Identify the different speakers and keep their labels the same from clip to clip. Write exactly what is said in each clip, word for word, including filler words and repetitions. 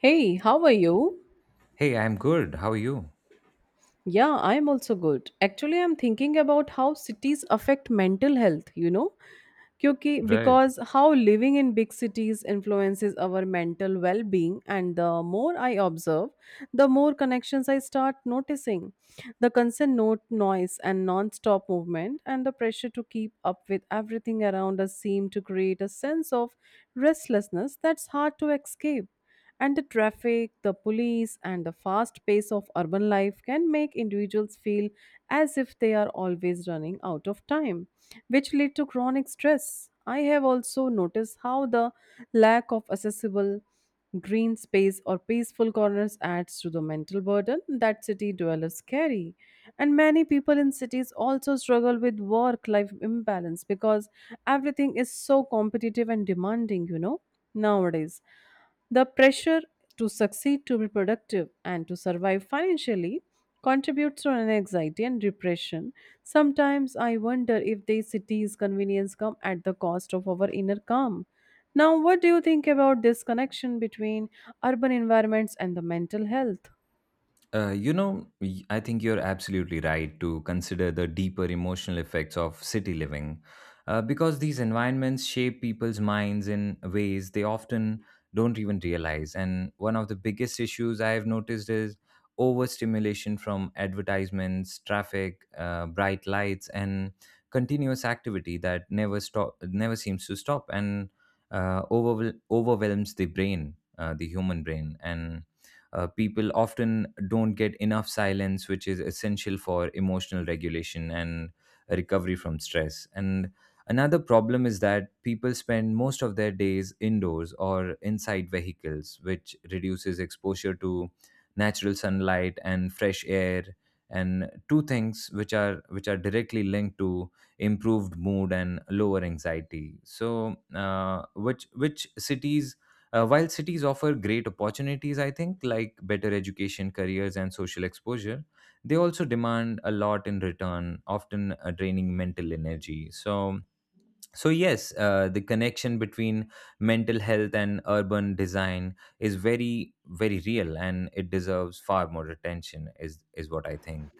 Speaker 1: Hey, how are you?
Speaker 2: Hey, I'm good. How are you?
Speaker 1: Yeah, I'm also good. Actually, I'm thinking about how cities affect mental health, you know? क्योंकि
Speaker 2: Right.
Speaker 1: because how living in big cities influences our mental well-being, and the more I observe, the more connections I start noticing. The constant note noise and non-stop movement and the pressure to keep up with everything around us seem to create a sense of restlessness that's hard to escape. And the traffic, the police, and the fast pace of urban life can make individuals feel as if they are always running out of time, which lead to chronic stress. I have also noticed how the lack of accessible green space or peaceful corners adds to the mental burden that city dwellers carry. And many people in cities also struggle with work life imbalance because everything is so competitive and demanding, you know, nowadays. The pressure to succeed, to be productive, and to survive financially contributes to an anxiety and depression. Sometimes I wonder if these cities' convenience come at the cost of our inner calm. Now, what do you think about this connection between urban environments and the mental health?
Speaker 2: Uh, you know, y- I think you're absolutely right to consider the deeper emotional effects of city living uh, because these environments shape people's minds in ways they often don't even realize. And one of the biggest issues I have noticed is overstimulation from advertisements, traffic, uh, bright lights, and continuous activity that never stop, never seems to stop, and uh, overwhel- overwhelms the brain, uh, the human brain, and uh, people often don't get enough silence, which is essential for emotional regulation and recovery from stress. And another problem is that people spend most of their days indoors or inside vehicles, which reduces exposure to natural sunlight and fresh air and two things which are which are directly linked to improved mood and lower anxiety, so uh, which which cities uh, while cities offer great opportunities, I think, like better education, careers, and social exposure, they also demand a lot in return, often uh, draining mental energy. So, so yes, uh, the connection between mental health and urban design is very, very real, and it deserves far more attention. Is is what I think.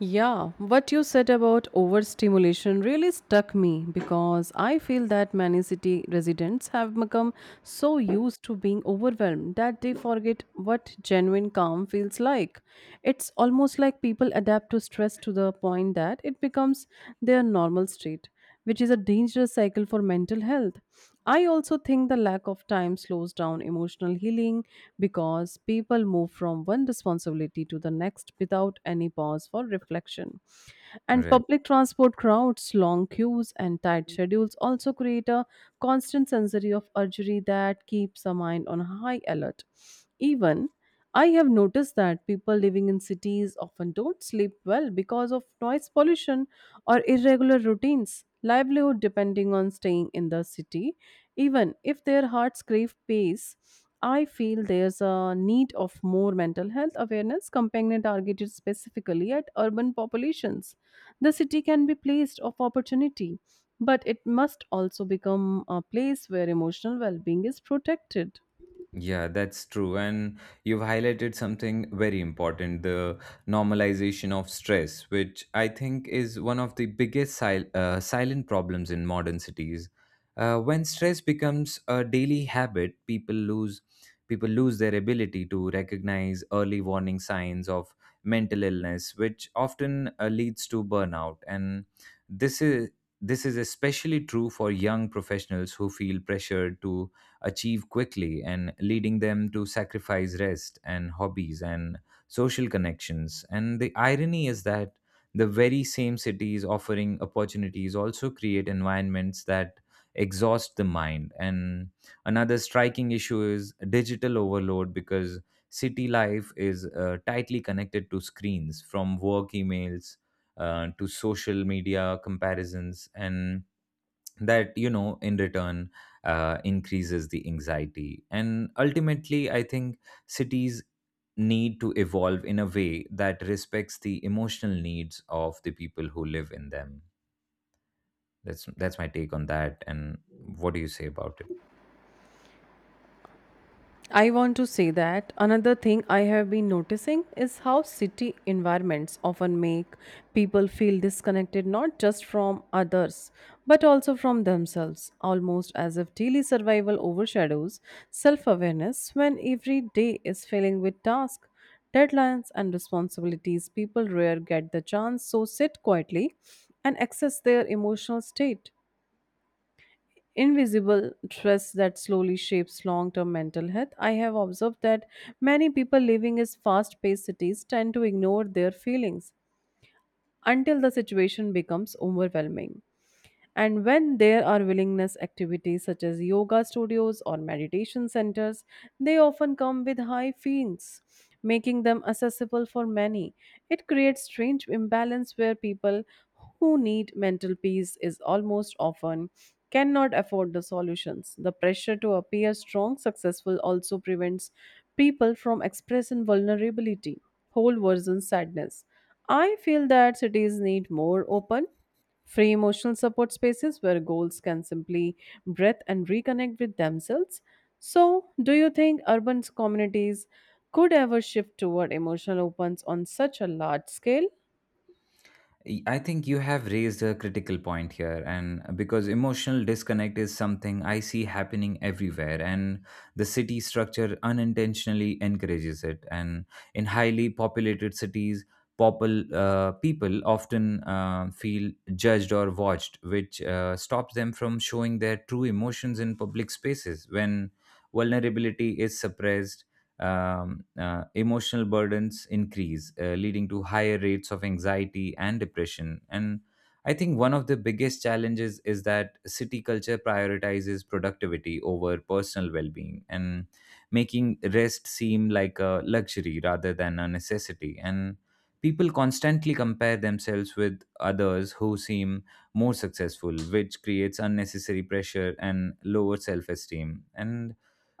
Speaker 1: Yeah, what you said about overstimulation really stuck me, because I feel that many city residents have become so used to being overwhelmed that they forget what genuine calm feels like. It's almost like people adapt to stress to the point that it becomes their normal state, which is a dangerous cycle for mental health. I also think the lack of time slows down emotional healing because people move from one responsibility to the next without any pause for reflection. And
Speaker 2: Right.
Speaker 1: public transport crowds, long queues, and tight schedules also create a constant sensory of urgency that keeps the mind on high alert. Even I have noticed that people living in cities often don't sleep well because of noise pollution or irregular routines, livelihood depending on staying in the city. Even if their hearts crave peace, I feel there's a need of more mental health awareness campaign targeted specifically at urban populations. The city can be placed of opportunity, but it must also become a place where emotional well-being is protected.
Speaker 2: Yeah, that's true. And you've highlighted something very important, the normalization of stress, which I think is one of the biggest sil- uh, silent problems in modern cities. Uh, when stress becomes a daily habit, people lose people lose their ability to recognize early warning signs of mental illness, which often uh, leads to burnout. And this is this is especially true for young professionals who feel pressured to achieve quickly, and leading them to sacrifice rest and hobbies and social connections. And the irony is that the very same cities offering opportunities also create environments that exhaust the mind. And another striking issue is digital overload, because city life is uh, tightly connected to screens, from work emails uh, to social media comparisons, and that, you know, in return uh, increases the anxiety. And ultimately, I think cities need to evolve in a way that respects the emotional needs of the people who live in them. That's that's my take on that. And what do you say about it?
Speaker 1: I want to say that another thing I have been noticing is how city environments often make people feel disconnected, not just from others but also from themselves, almost as if daily survival overshadows self awareness when every day is filling with tasks, deadlines, and responsibilities. People rare get the chance, to sit quietly and access their emotional state invisible stress that slowly shapes long term mental health. I have observed that many people living in fast paced cities tend to ignore their feelings until the situation becomes overwhelming. And when there are willingness activities such as yoga studios or meditation centers, they often come with high fees, making them accessible for many. It creates strange imbalance where people who need mental peace is almost often cannot afford the solutions. The pressure to appear strong, successful also prevents people from expressing vulnerability, whole version sadness. I feel that cities need more open free emotional support spaces where goals can simply breathe and reconnect with themselves. So, do you think urban communities could ever shift toward emotional opens on such a large scale?
Speaker 2: I think you have raised a critical point here, and because emotional disconnect is something I see happening everywhere, and the city structure unintentionally encourages it. And in highly populated cities, popul, uh, people often uh, feel judged or watched, which uh, stops them from showing their true emotions in public spaces. When vulnerability is suppressed, um, uh, emotional burdens increase, uh, leading to higher rates of anxiety and depression. And I think one of the biggest challenges is that city culture prioritizes productivity over personal well being, and making rest seem like a luxury rather than a necessity. And people constantly compare themselves with others who seem more successful, which creates unnecessary pressure and lower self esteem. And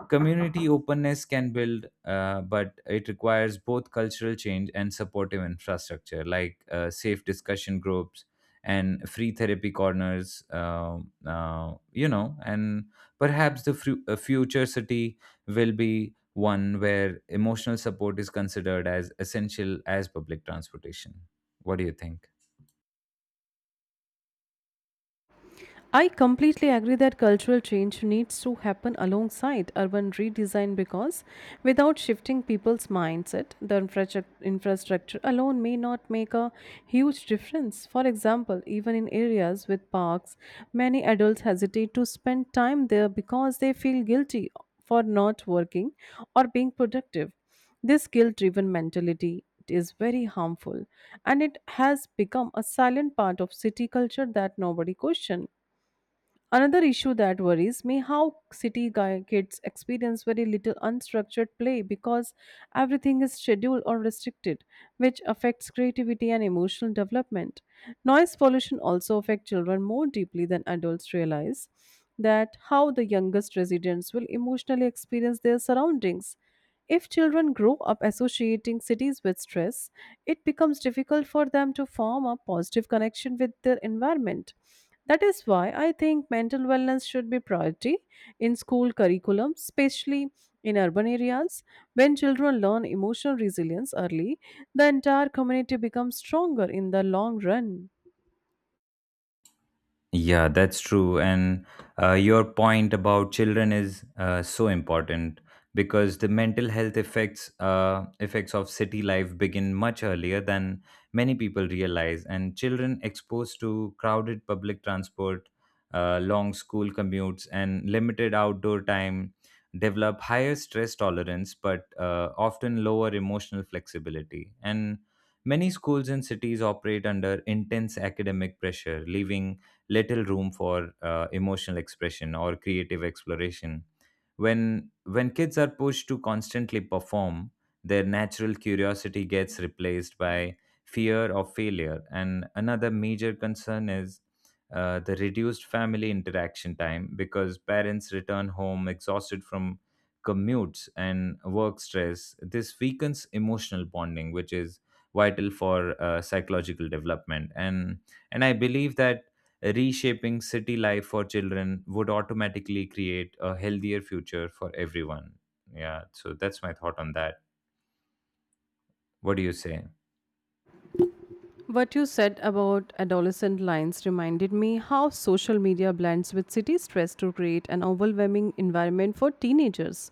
Speaker 2: community openness can build, uh, but it requires both cultural change and supportive infrastructure, like uh, safe discussion groups and free therapy corners, um uh, you know, and perhaps the fru- a future city will be one where emotional support is considered as essential as public transportation. What do you think?
Speaker 1: I completely agree that cultural change needs to happen alongside urban redesign, because without shifting people's mindset, the infrastruc- infrastructure alone may not make a huge difference. For example, even in areas with parks, many adults hesitate to spend time there because they feel guilty for not working or being productive. This guilt driven mentality is very harmful, and it has become a silent part of city culture that nobody questions. Another issue that worries me how city guy kids experience very little unstructured play because everything is scheduled or restricted, which affects creativity and emotional development. Noise pollution also affects children more deeply than adults realize that how the youngest residents will emotionally experience their surroundings. If children grow up associating cities with stress, it becomes difficult for them to form a positive connection with their environment. That is why I think mental wellness should be priority in school curriculum, especially in urban areas. When children learn emotional resilience early, the entire community becomes stronger in the long run.
Speaker 2: Yeah, that's true. And uh, your point about children is uh, so important, because the mental health effects uh, effects of city life begin much earlier than many people realize. And children exposed to crowded public transport, uh, long school commutes, and limited outdoor time develop higher stress tolerance, but uh, often lower emotional flexibility. And many schools and cities operate under intense academic pressure, leaving little room for uh, emotional expression or creative exploration. When when kids are pushed to constantly perform, their natural curiosity gets replaced by fear of failure. And another major concern is uh, the reduced family interaction time, because parents return home exhausted from commutes and work stress. This weakens emotional bonding, which is vital for uh, psychological development. And and I believe that reshaping city life for children would automatically create a healthier future for everyone. Yeah, so that's my thought on that. What do you say?
Speaker 1: What you said about adolescent lines reminded me how social media blends with city stress to create an overwhelming environment for teenagers.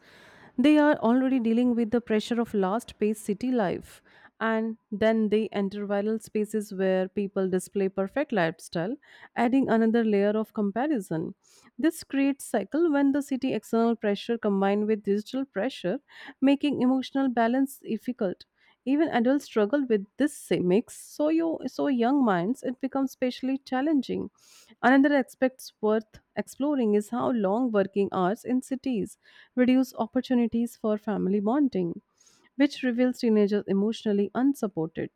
Speaker 1: They are already dealing with the pressure of fast paced city life, and then they enter viral spaces where people display perfect lifestyle, adding another layer of comparison. This creates cycle when the city external pressure combined with digital pressure, making emotional balance difficult. Even adults struggle with this sa- mix, so you so young minds it becomes especially challenging. Another aspect worth exploring is how long working hours in cities reduce opportunities for family bonding, which reveals teenagers emotionally unsupported.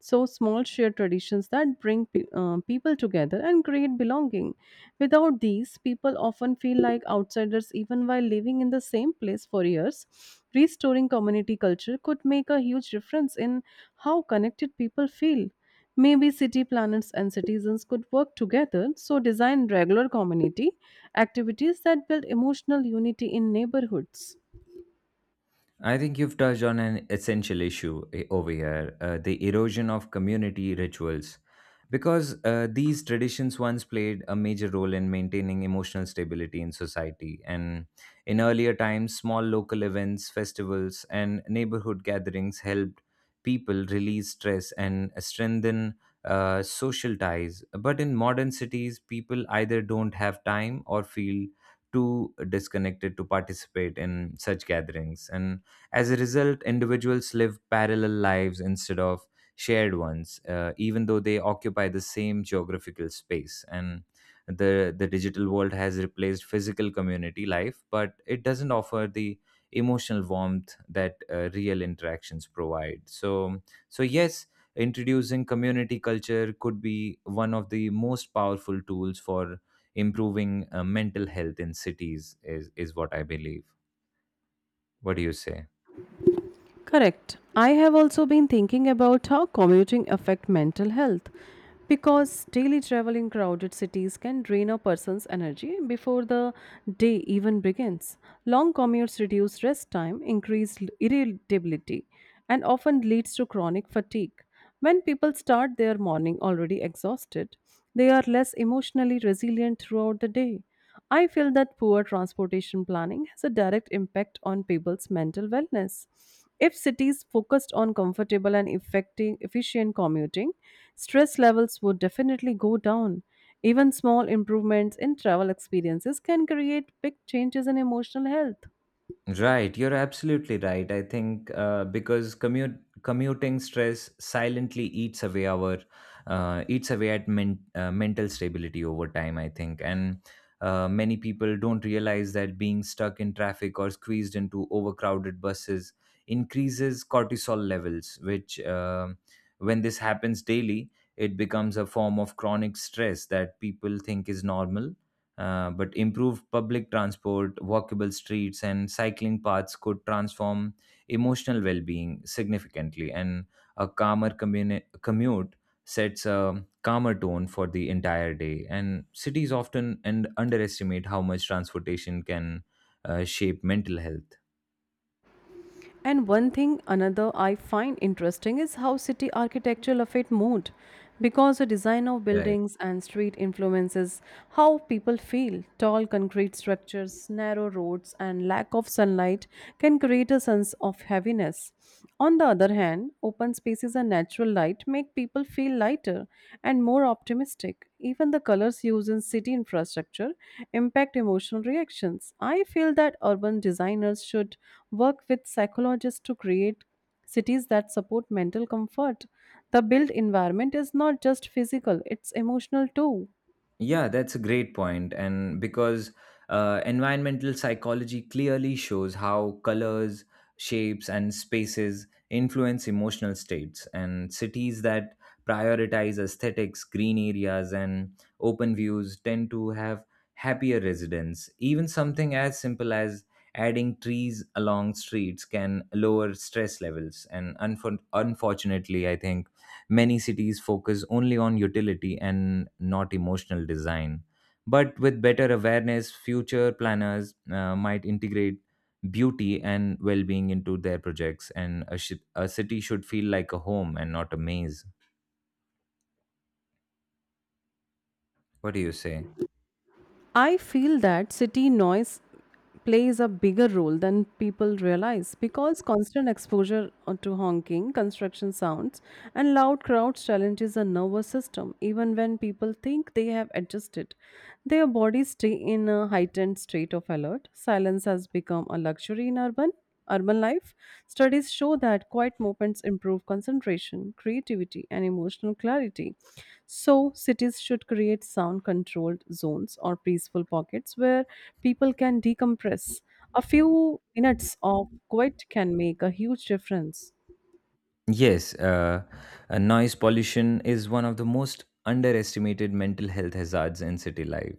Speaker 1: So, small shared traditions that bring pe- uh, people together and create belonging. Without these, people often feel like outsiders even while living in the same place for years. Restoring community culture could make a huge difference in how connected people feel. Maybe city planners and citizens could work together, so design regular community activities that build emotional unity in neighborhoods.
Speaker 2: I think you've touched on an essential issue eh, over here, uh, the erosion of community rituals, because uh, these traditions once played a major role in maintaining emotional stability in society. And in earlier times, small local events, festivals, and neighborhood gatherings helped people release stress and strengthen uh, social ties. But in modern cities, people either don't have time or feel too disconnected to participate in such gatherings. And as a result, individuals live parallel lives instead of shared ones, uh, even though they occupy the same geographical space. And the, the digital world has replaced physical community life, but it doesn't offer the emotional warmth that uh, real interactions provide. So, so yes, introducing community culture could be one of the most powerful tools for improving uh, mental health in cities. Is is what I believe. What do you say?
Speaker 1: Correct. I have also been thinking about how commuting affect mental health, because daily travel in crowded cities can drain a person's energy before the day even begins. Long commutes reduce rest time, increase irritability, and often leads to chronic fatigue. When people start their morning already exhausted, they are less emotionally resilient throughout the day. I feel that poor transportation planning has a direct impact on people's mental wellness. If cities focused on comfortable and effective, efficient commuting, stress levels would definitely go down. Even small improvements in travel experiences can create big changes in emotional health.
Speaker 2: Right, you're absolutely right. I think, uh, because commute commuting stress silently eats away our uh, eats away at men- uh, mental stability over time, I think. And uh, many people don't realize that being stuck in traffic or squeezed into overcrowded buses increases cortisol levels, which um when this happens daily, it becomes a form of chronic stress that people think is normal. Uh, but improved public transport, walkable streets, and cycling paths could transform emotional well being significantly. And a calmer communi- commute sets a calmer tone for the entire day. And cities often and underestimate how much transportation can uh, shape mental health.
Speaker 1: And one thing another I find interesting is how city architecture affect mood, because the design of
Speaker 2: Right.
Speaker 1: buildings and street influences how people feel. Tall concrete structures, narrow roads and lack of sunlight can create a sense of heaviness. On the other hand, open spaces are natural light make people feel lighter and more optimistic. Even the colors used in city infrastructure impact emotional reactions. I feel that urban designers should work with psychologists to create cities that support mental comfort. The built environment is not just physical, it's emotional too.
Speaker 2: Yeah, that's a great point, and because uh, environmental psychology clearly shows how colors, shapes, and spaces influence emotional states. And cities that prioritize aesthetics, green areas, and open views tend to have happier residents. Even something as simple as adding trees along streets can lower stress levels. And unfor- unfortunately, I think many cities focus only on utility and not emotional design. But with better awareness, future planners uh, might integrate beauty and well being into their projects, and a, shi a city should feel like a home and not a maze. What do you say?
Speaker 1: I feel that city noise plays a bigger role than people realize, because constant exposure to honking, construction sounds, and loud crowds challenges the nervous system. Even when people think they have adjusted, their bodies stay in a heightened state of alert. Silence has become a luxury in urban urban life, studies show that quiet movements improve concentration, creativity, and emotional clarity. So, cities should create sound controlled zones or peaceful pockets where people can decompress. A few minutes of quiet can make a huge difference.
Speaker 2: Yes, uh, uh, Noise pollution is one of the most underestimated mental health hazards in city life.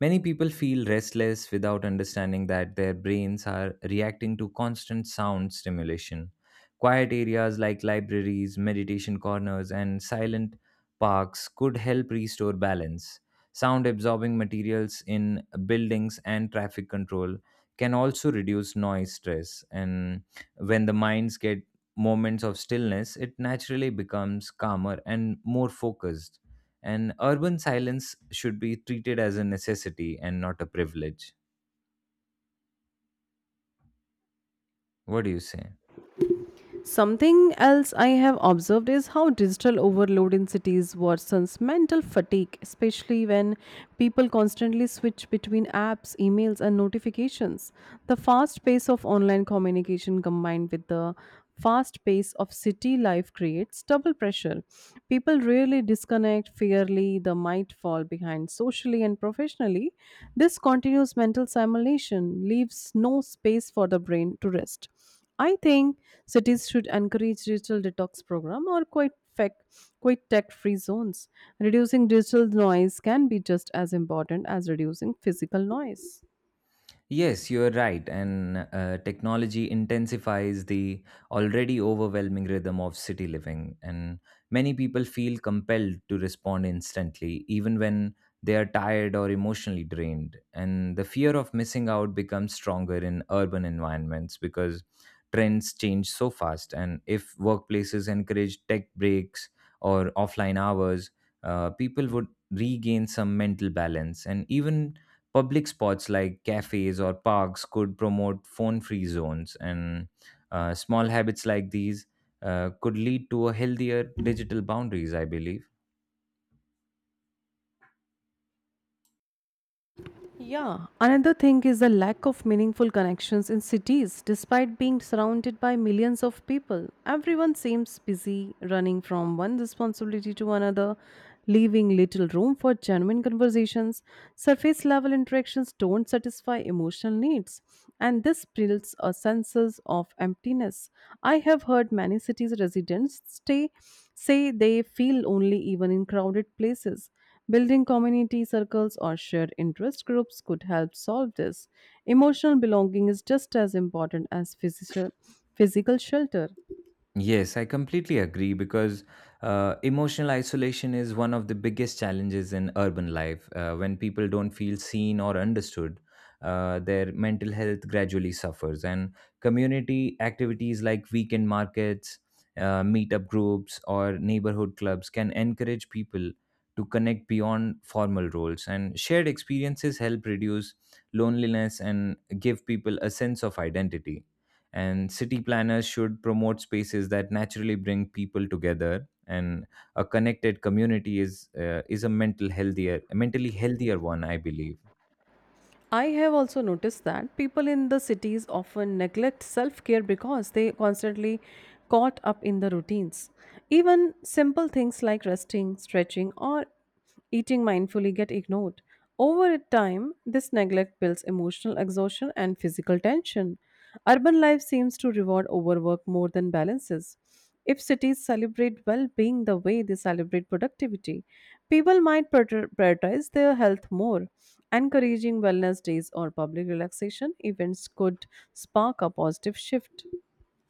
Speaker 2: Many people feel restless without understanding that their brains are reacting to constant sound stimulation. Quiet areas like libraries, meditation corners, and silent parks could help restore balance. Sound absorbing materials in buildings and traffic control can also reduce noise stress. And when the minds get moments of stillness, it naturally becomes calmer and more focused. And urban silence should be treated as a necessity and not a privilege. What do you say?
Speaker 1: Something else I have observed is how digital overload in cities worsens mental fatigue, especially when people constantly switch between apps, emails, and notifications. The fast pace of online communication combined with the fast pace of city life creates double pressure. People rarely disconnect fairly, they might fall behind socially and professionally. This continuous mental simulation leaves no space for the brain to rest. I think cities should encourage digital detox program or quite fec quite tech-free zones. Reducing digital noise can be just as important as reducing physical noise.
Speaker 2: Yes, you are right. And uh, technology intensifies the already overwhelming rhythm of city living. And many people feel compelled to respond instantly, even when they are tired or emotionally drained. And the fear of missing out becomes stronger in urban environments because trends change so fast. And if workplaces encourage tech breaks or offline hours, uh, people would regain some mental balance. And even public spots like cafes or parks could promote phone free zones, and uh, small habits like these uh, could lead to a healthier digital boundaries, I believe.
Speaker 1: Yeah, another thing is the lack of meaningful connections in cities. Despite being surrounded by millions of people, everyone seems busy running from one responsibility to another, leaving little room for genuine conversations. Surface level interactions don't satisfy emotional needs, and this builds a sense of emptiness. I have heard many cities residents stay say they feel lonely even in crowded places. Building community circles or shared interest groups could help solve this. Emotional belonging is just as important as physical, physical shelter.
Speaker 2: Yes, I completely agree, because uh, emotional isolation is one of the biggest challenges in urban life. Uh, when people don't feel seen or understood, uh, their mental health gradually suffers. And community activities like weekend markets, uh, meetup groups, or neighborhood clubs can encourage people to connect beyond formal roles. And shared experiences help reduce loneliness and give people a sense of identity, and city planners should promote spaces that naturally bring people together. And a connected community is uh, is a mental healthier a mentally healthier one, I believe.
Speaker 1: I have also noticed that people in the cities often neglect self care because they constantly caught up in the routines. Even simple things like resting, stretching, or eating mindfully get ignored. Over time, this neglect builds emotional exhaustion and physical tension. Urban life seems to reward overwork more than balances. If cities celebrate well being the way they celebrate productivity, people might prior- prioritize their health more. Encouraging wellness days or public relaxation events could spark a positive shift.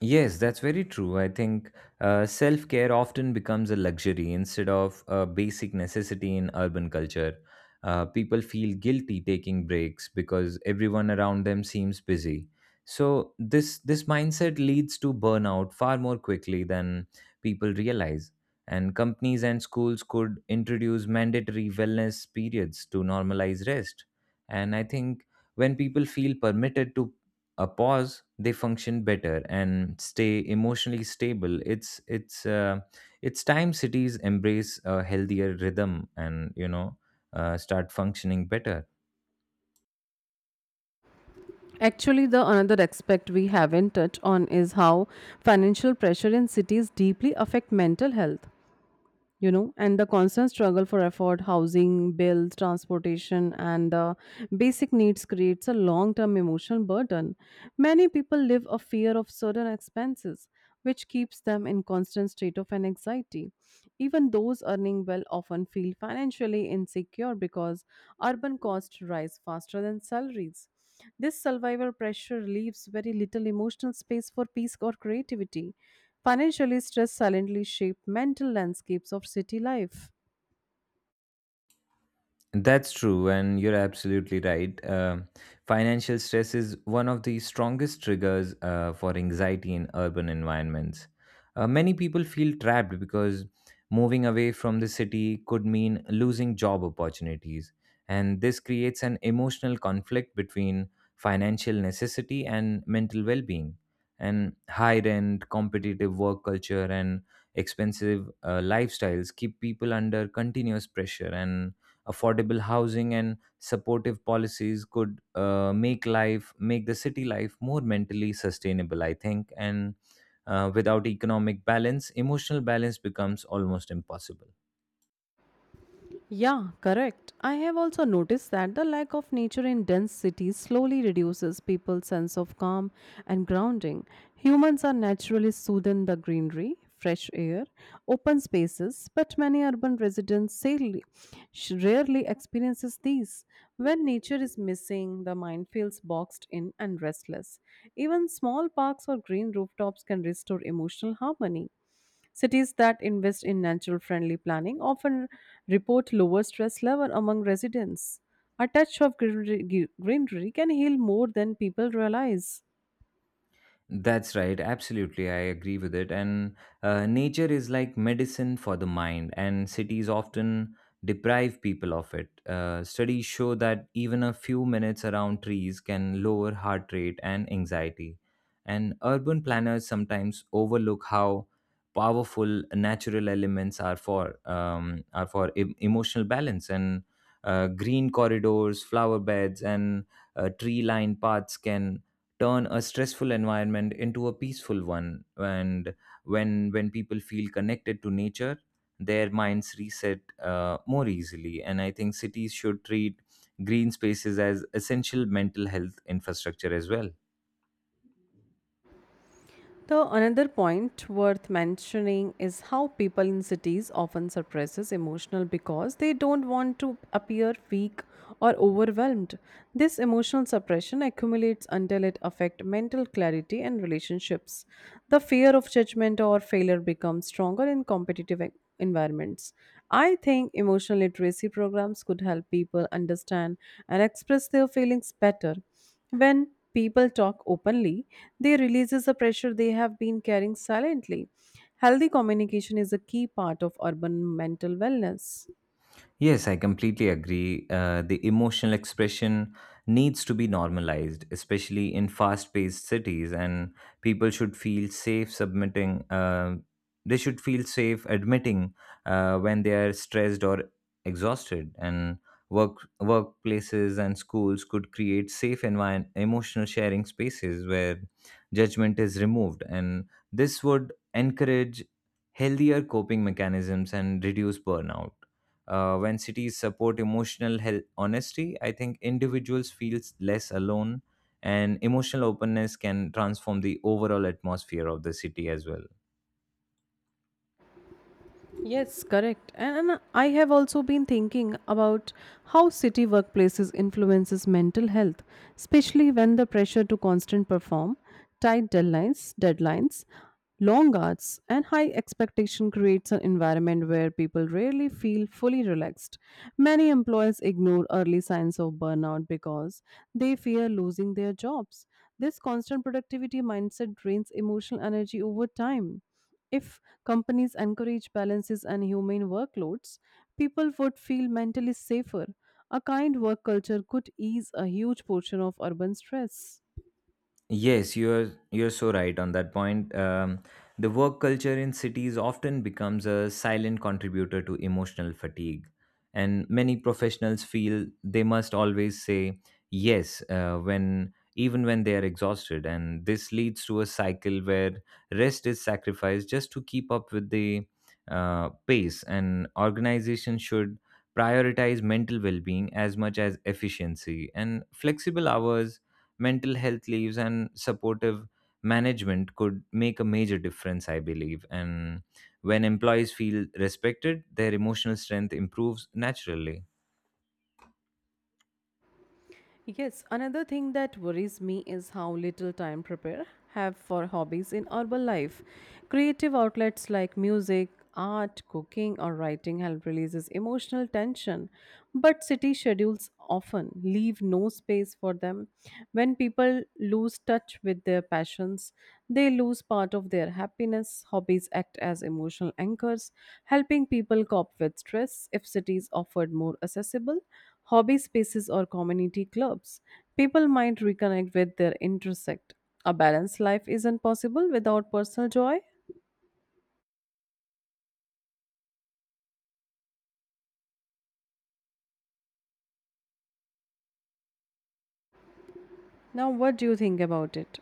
Speaker 2: Yes, that's very true. I think uh, self care often becomes a luxury instead of a basic necessity in urban culture. Uh, people feel guilty taking breaks because everyone around them seems busy. So this this mindset leads to burnout far more quickly than people realize. And companies and schools could introduce mandatory wellness periods to normalize rest. And I think when people feel permitted to a pause, they function better and stay emotionally stable. It's it's uh, it's time cities embrace a healthier rhythm, and, you know, uh, start functioning better.
Speaker 1: Actually, the another aspect we haven't touched on is how financial pressure in cities deeply affect mental health, you know, and the constant struggle for effort housing bills transportation and the basic needs creates a long term emotional burden. Many people live a fear of certain expenses, which keeps them in constant state of an anxiety. Even those earning well often feel financially insecure because urban costs rise faster than salaries. This survivor pressure leaves very little emotional space for peace or creativity. Financially, stress silently shape mental landscapes of city life.
Speaker 2: That's true, and you're absolutely right. Uh, financial stress is one of the strongest triggers uh, for anxiety in urban environments. Uh, many people feel trapped because moving away from the city could mean losing job opportunities, and this creates an emotional conflict between financial necessity and mental well being. And high rent, competitive work culture, and expensive uh, lifestyles keep people under continuous pressure, and affordable housing and supportive policies could uh, make life make the city life more mentally sustainable, I think. And uh, without economic balance, emotional balance becomes almost impossible.
Speaker 1: Yeah, correct. I have also noticed that the lack of nature in dense cities slowly reduces people's sense of calm and grounding. Humans are naturally soothed in the greenery, fresh air, open spaces, but many urban residents sadly sh- rarely experiences these. When nature is missing, the mind feels boxed in and restless. Even small parks or green rooftops can restore emotional harmony. Cities that invest in natural friendly planning often report lower stress level among residents. A touch of greenery, greenery can heal more than people realize.
Speaker 2: That's right, absolutely. I agree with it. And uh, nature is like medicine for the mind, and cities often deprive people of it. Uh, studies show that even a few minutes around trees can lower heart rate and anxiety. And urban planners sometimes overlook how powerful natural elements are for um, are for em- emotional balance, and uh, green corridors, flower beds, and uh, tree-lined paths can turn a stressful environment into a peaceful one. And when when people feel connected to nature, their minds reset uh, more easily. And I think cities should treat green spaces as essential mental health infrastructure as well.
Speaker 1: The another point worth mentioning is how people in cities often suppresses emotional because they don't want to appear weak or overwhelmed. This emotional suppression accumulates until it affects mental clarity and relationships. The fear of judgment or failure becomes stronger in competitive e- environments. I think emotional literacy programs could help people understand and express their feelings better. When people talk openly, they releases the pressure they have been carrying silently. Healthy communication is a key part of urban mental wellness.
Speaker 2: Yes, I completely agree. Uh, the emotional expression needs to be normalized, especially in fast paced cities, and people should feel safe submitting, uh, they should feel safe admitting uh, when they are stressed or exhausted. And work workplaces and schools could create safe environment, emotional sharing spaces where judgment is removed. And this would encourage healthier coping mechanisms and reduce burnout. Uh, when cities support emotional health honesty, I think individuals feel less alone, and emotional openness can transform the overall atmosphere of the city as well.
Speaker 1: Yes, correct. And and I have also been thinking about how city workplaces influences mental health, especially when the pressure to constant perform, tight deadlines, deadlines, long hours, and high expectation creates an environment where people rarely feel fully relaxed. Many employees ignore early signs of burnout because they fear losing their jobs. This constant productivity mindset drains emotional energy over time if companies encourage balances and humane workloads, people would feel mentally safer. A kind work culture could ease a huge portion of urban stress.
Speaker 2: Yes, you're you're so right on that point. Um, the work culture in cities often becomes a silent contributor to emotional fatigue, and many professionals feel they must always say yes uh, when even when they are exhausted, and this leads to a cycle where rest is sacrificed just to keep up with the uh, pace. And organization should prioritize mental well-being as much as efficiency, and flexible hours, mental health leaves, and supportive management could make a major difference, I believe. And when employees feel respected, their emotional strength improves naturally.
Speaker 1: Yes, another thing that worries me is how little time prepare have for hobbies in urban life. Creative outlets like music, art, cooking, or writing help releases emotional tension, but city schedules often leave no space for them. When people lose touch with their passions, they lose part of their happiness. Hobbies act as emotional anchors, helping people cope with stress. If cities offered more accessible, hobby spaces or community clubs. People might reconnect with their intersect. A balanced life isn't possible without personal joy. Now, what do you think about it?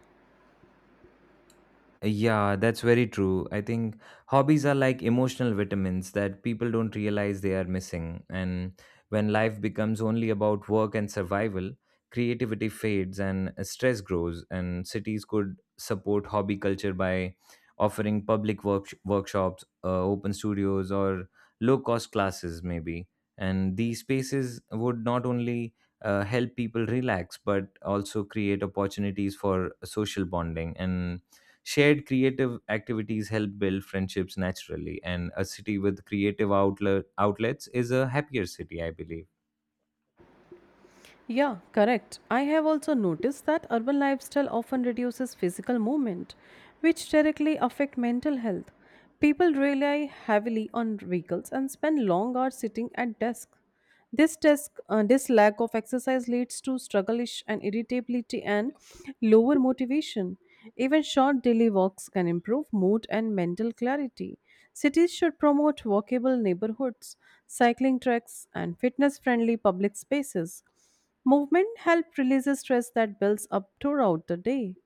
Speaker 2: Yeah, that's very true. I think hobbies are like emotional vitamins that people don't realize they are missing. And when life becomes only about work and survival, creativity fades and stress grows. And cities could support hobby culture by offering public work- workshops, uh, open studios, or low cost classes, maybe. And these spaces would not only uh, help people relax but also create opportunities for social bonding. And shared creative activities help build friendships naturally, and a city with creative outlet outlets is a happier city, I believe.
Speaker 1: Yeah, correct. I have also noticed that urban lifestyle often reduces physical movement, which directly affect mental health. People rely heavily on vehicles and spend long hours sitting at desk. This desk, uh, this lack of exercise leads to struggleish and irritability and lower motivation. Even short daily walks can improve mood and mental clarity. Cities should promote walkable neighborhoods, cycling tracks, and fitness-friendly public spaces. Movement helps release the stress that builds up throughout the day.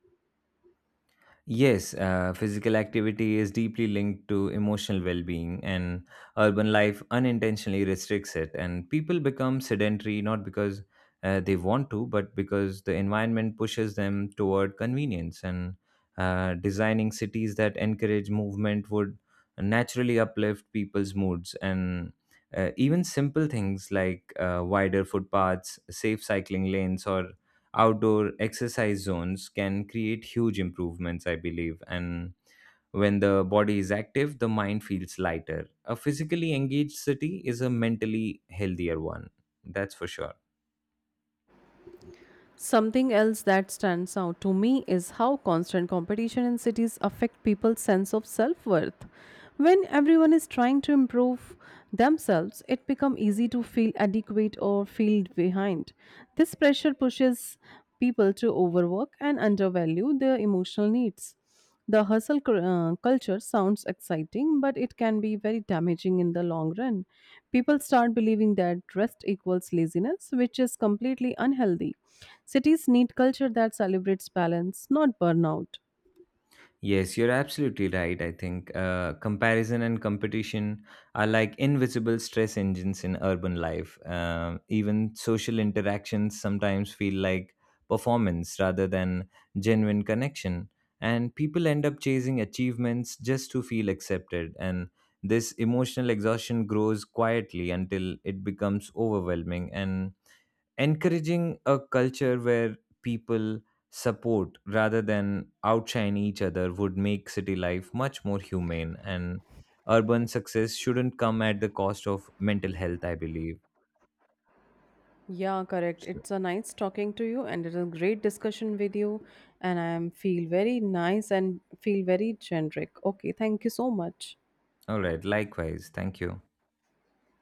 Speaker 2: Yes, uh, physical activity is deeply linked to emotional well being, and urban life unintentionally restricts it. And people become sedentary not because uh, they want to, but because the environment pushes them toward convenience. And uh, designing cities that encourage movement would naturally uplift people's moods. And uh, even simple things like uh, wider footpaths, safe cycling lanes, or outdoor exercise zones can create huge improvements, I believe. And when the body is active, the mind feels lighter. A physically engaged city is a mentally healthier one. That's for sure.
Speaker 1: Something else that stands out to me is how constant competition in cities affect people's sense of self-worth. When everyone is trying to improve themselves, it becomes easy to feel adequate or feel behind. This pressure pushes people to overwork and undervalue their emotional needs. The hustle cul- uh, culture sounds exciting, but it can be very damaging in the long run. People start believing that rest equals laziness, which is completely unhealthy. Cities need culture that celebrates balance, not burnout.
Speaker 2: Yes, you're absolutely right. I think uh, comparison and competition are like invisible stress engines in urban life. Um, even social interactions sometimes feel like performance rather than genuine connection. And people end up chasing achievements just to feel accepted. And this emotional exhaustion grows quietly until it becomes overwhelming. And encouraging a culture where people support rather than outshine each other would make city life much more humane. And urban success shouldn't come at the cost of mental health, I believe.
Speaker 1: Yeah, correct.
Speaker 2: So-
Speaker 1: It's a nice talking to you, and it's a great discussion with you. And I am feel very nice and feel very generic. Okay, thank you so much.
Speaker 2: all right, likewise, thank you.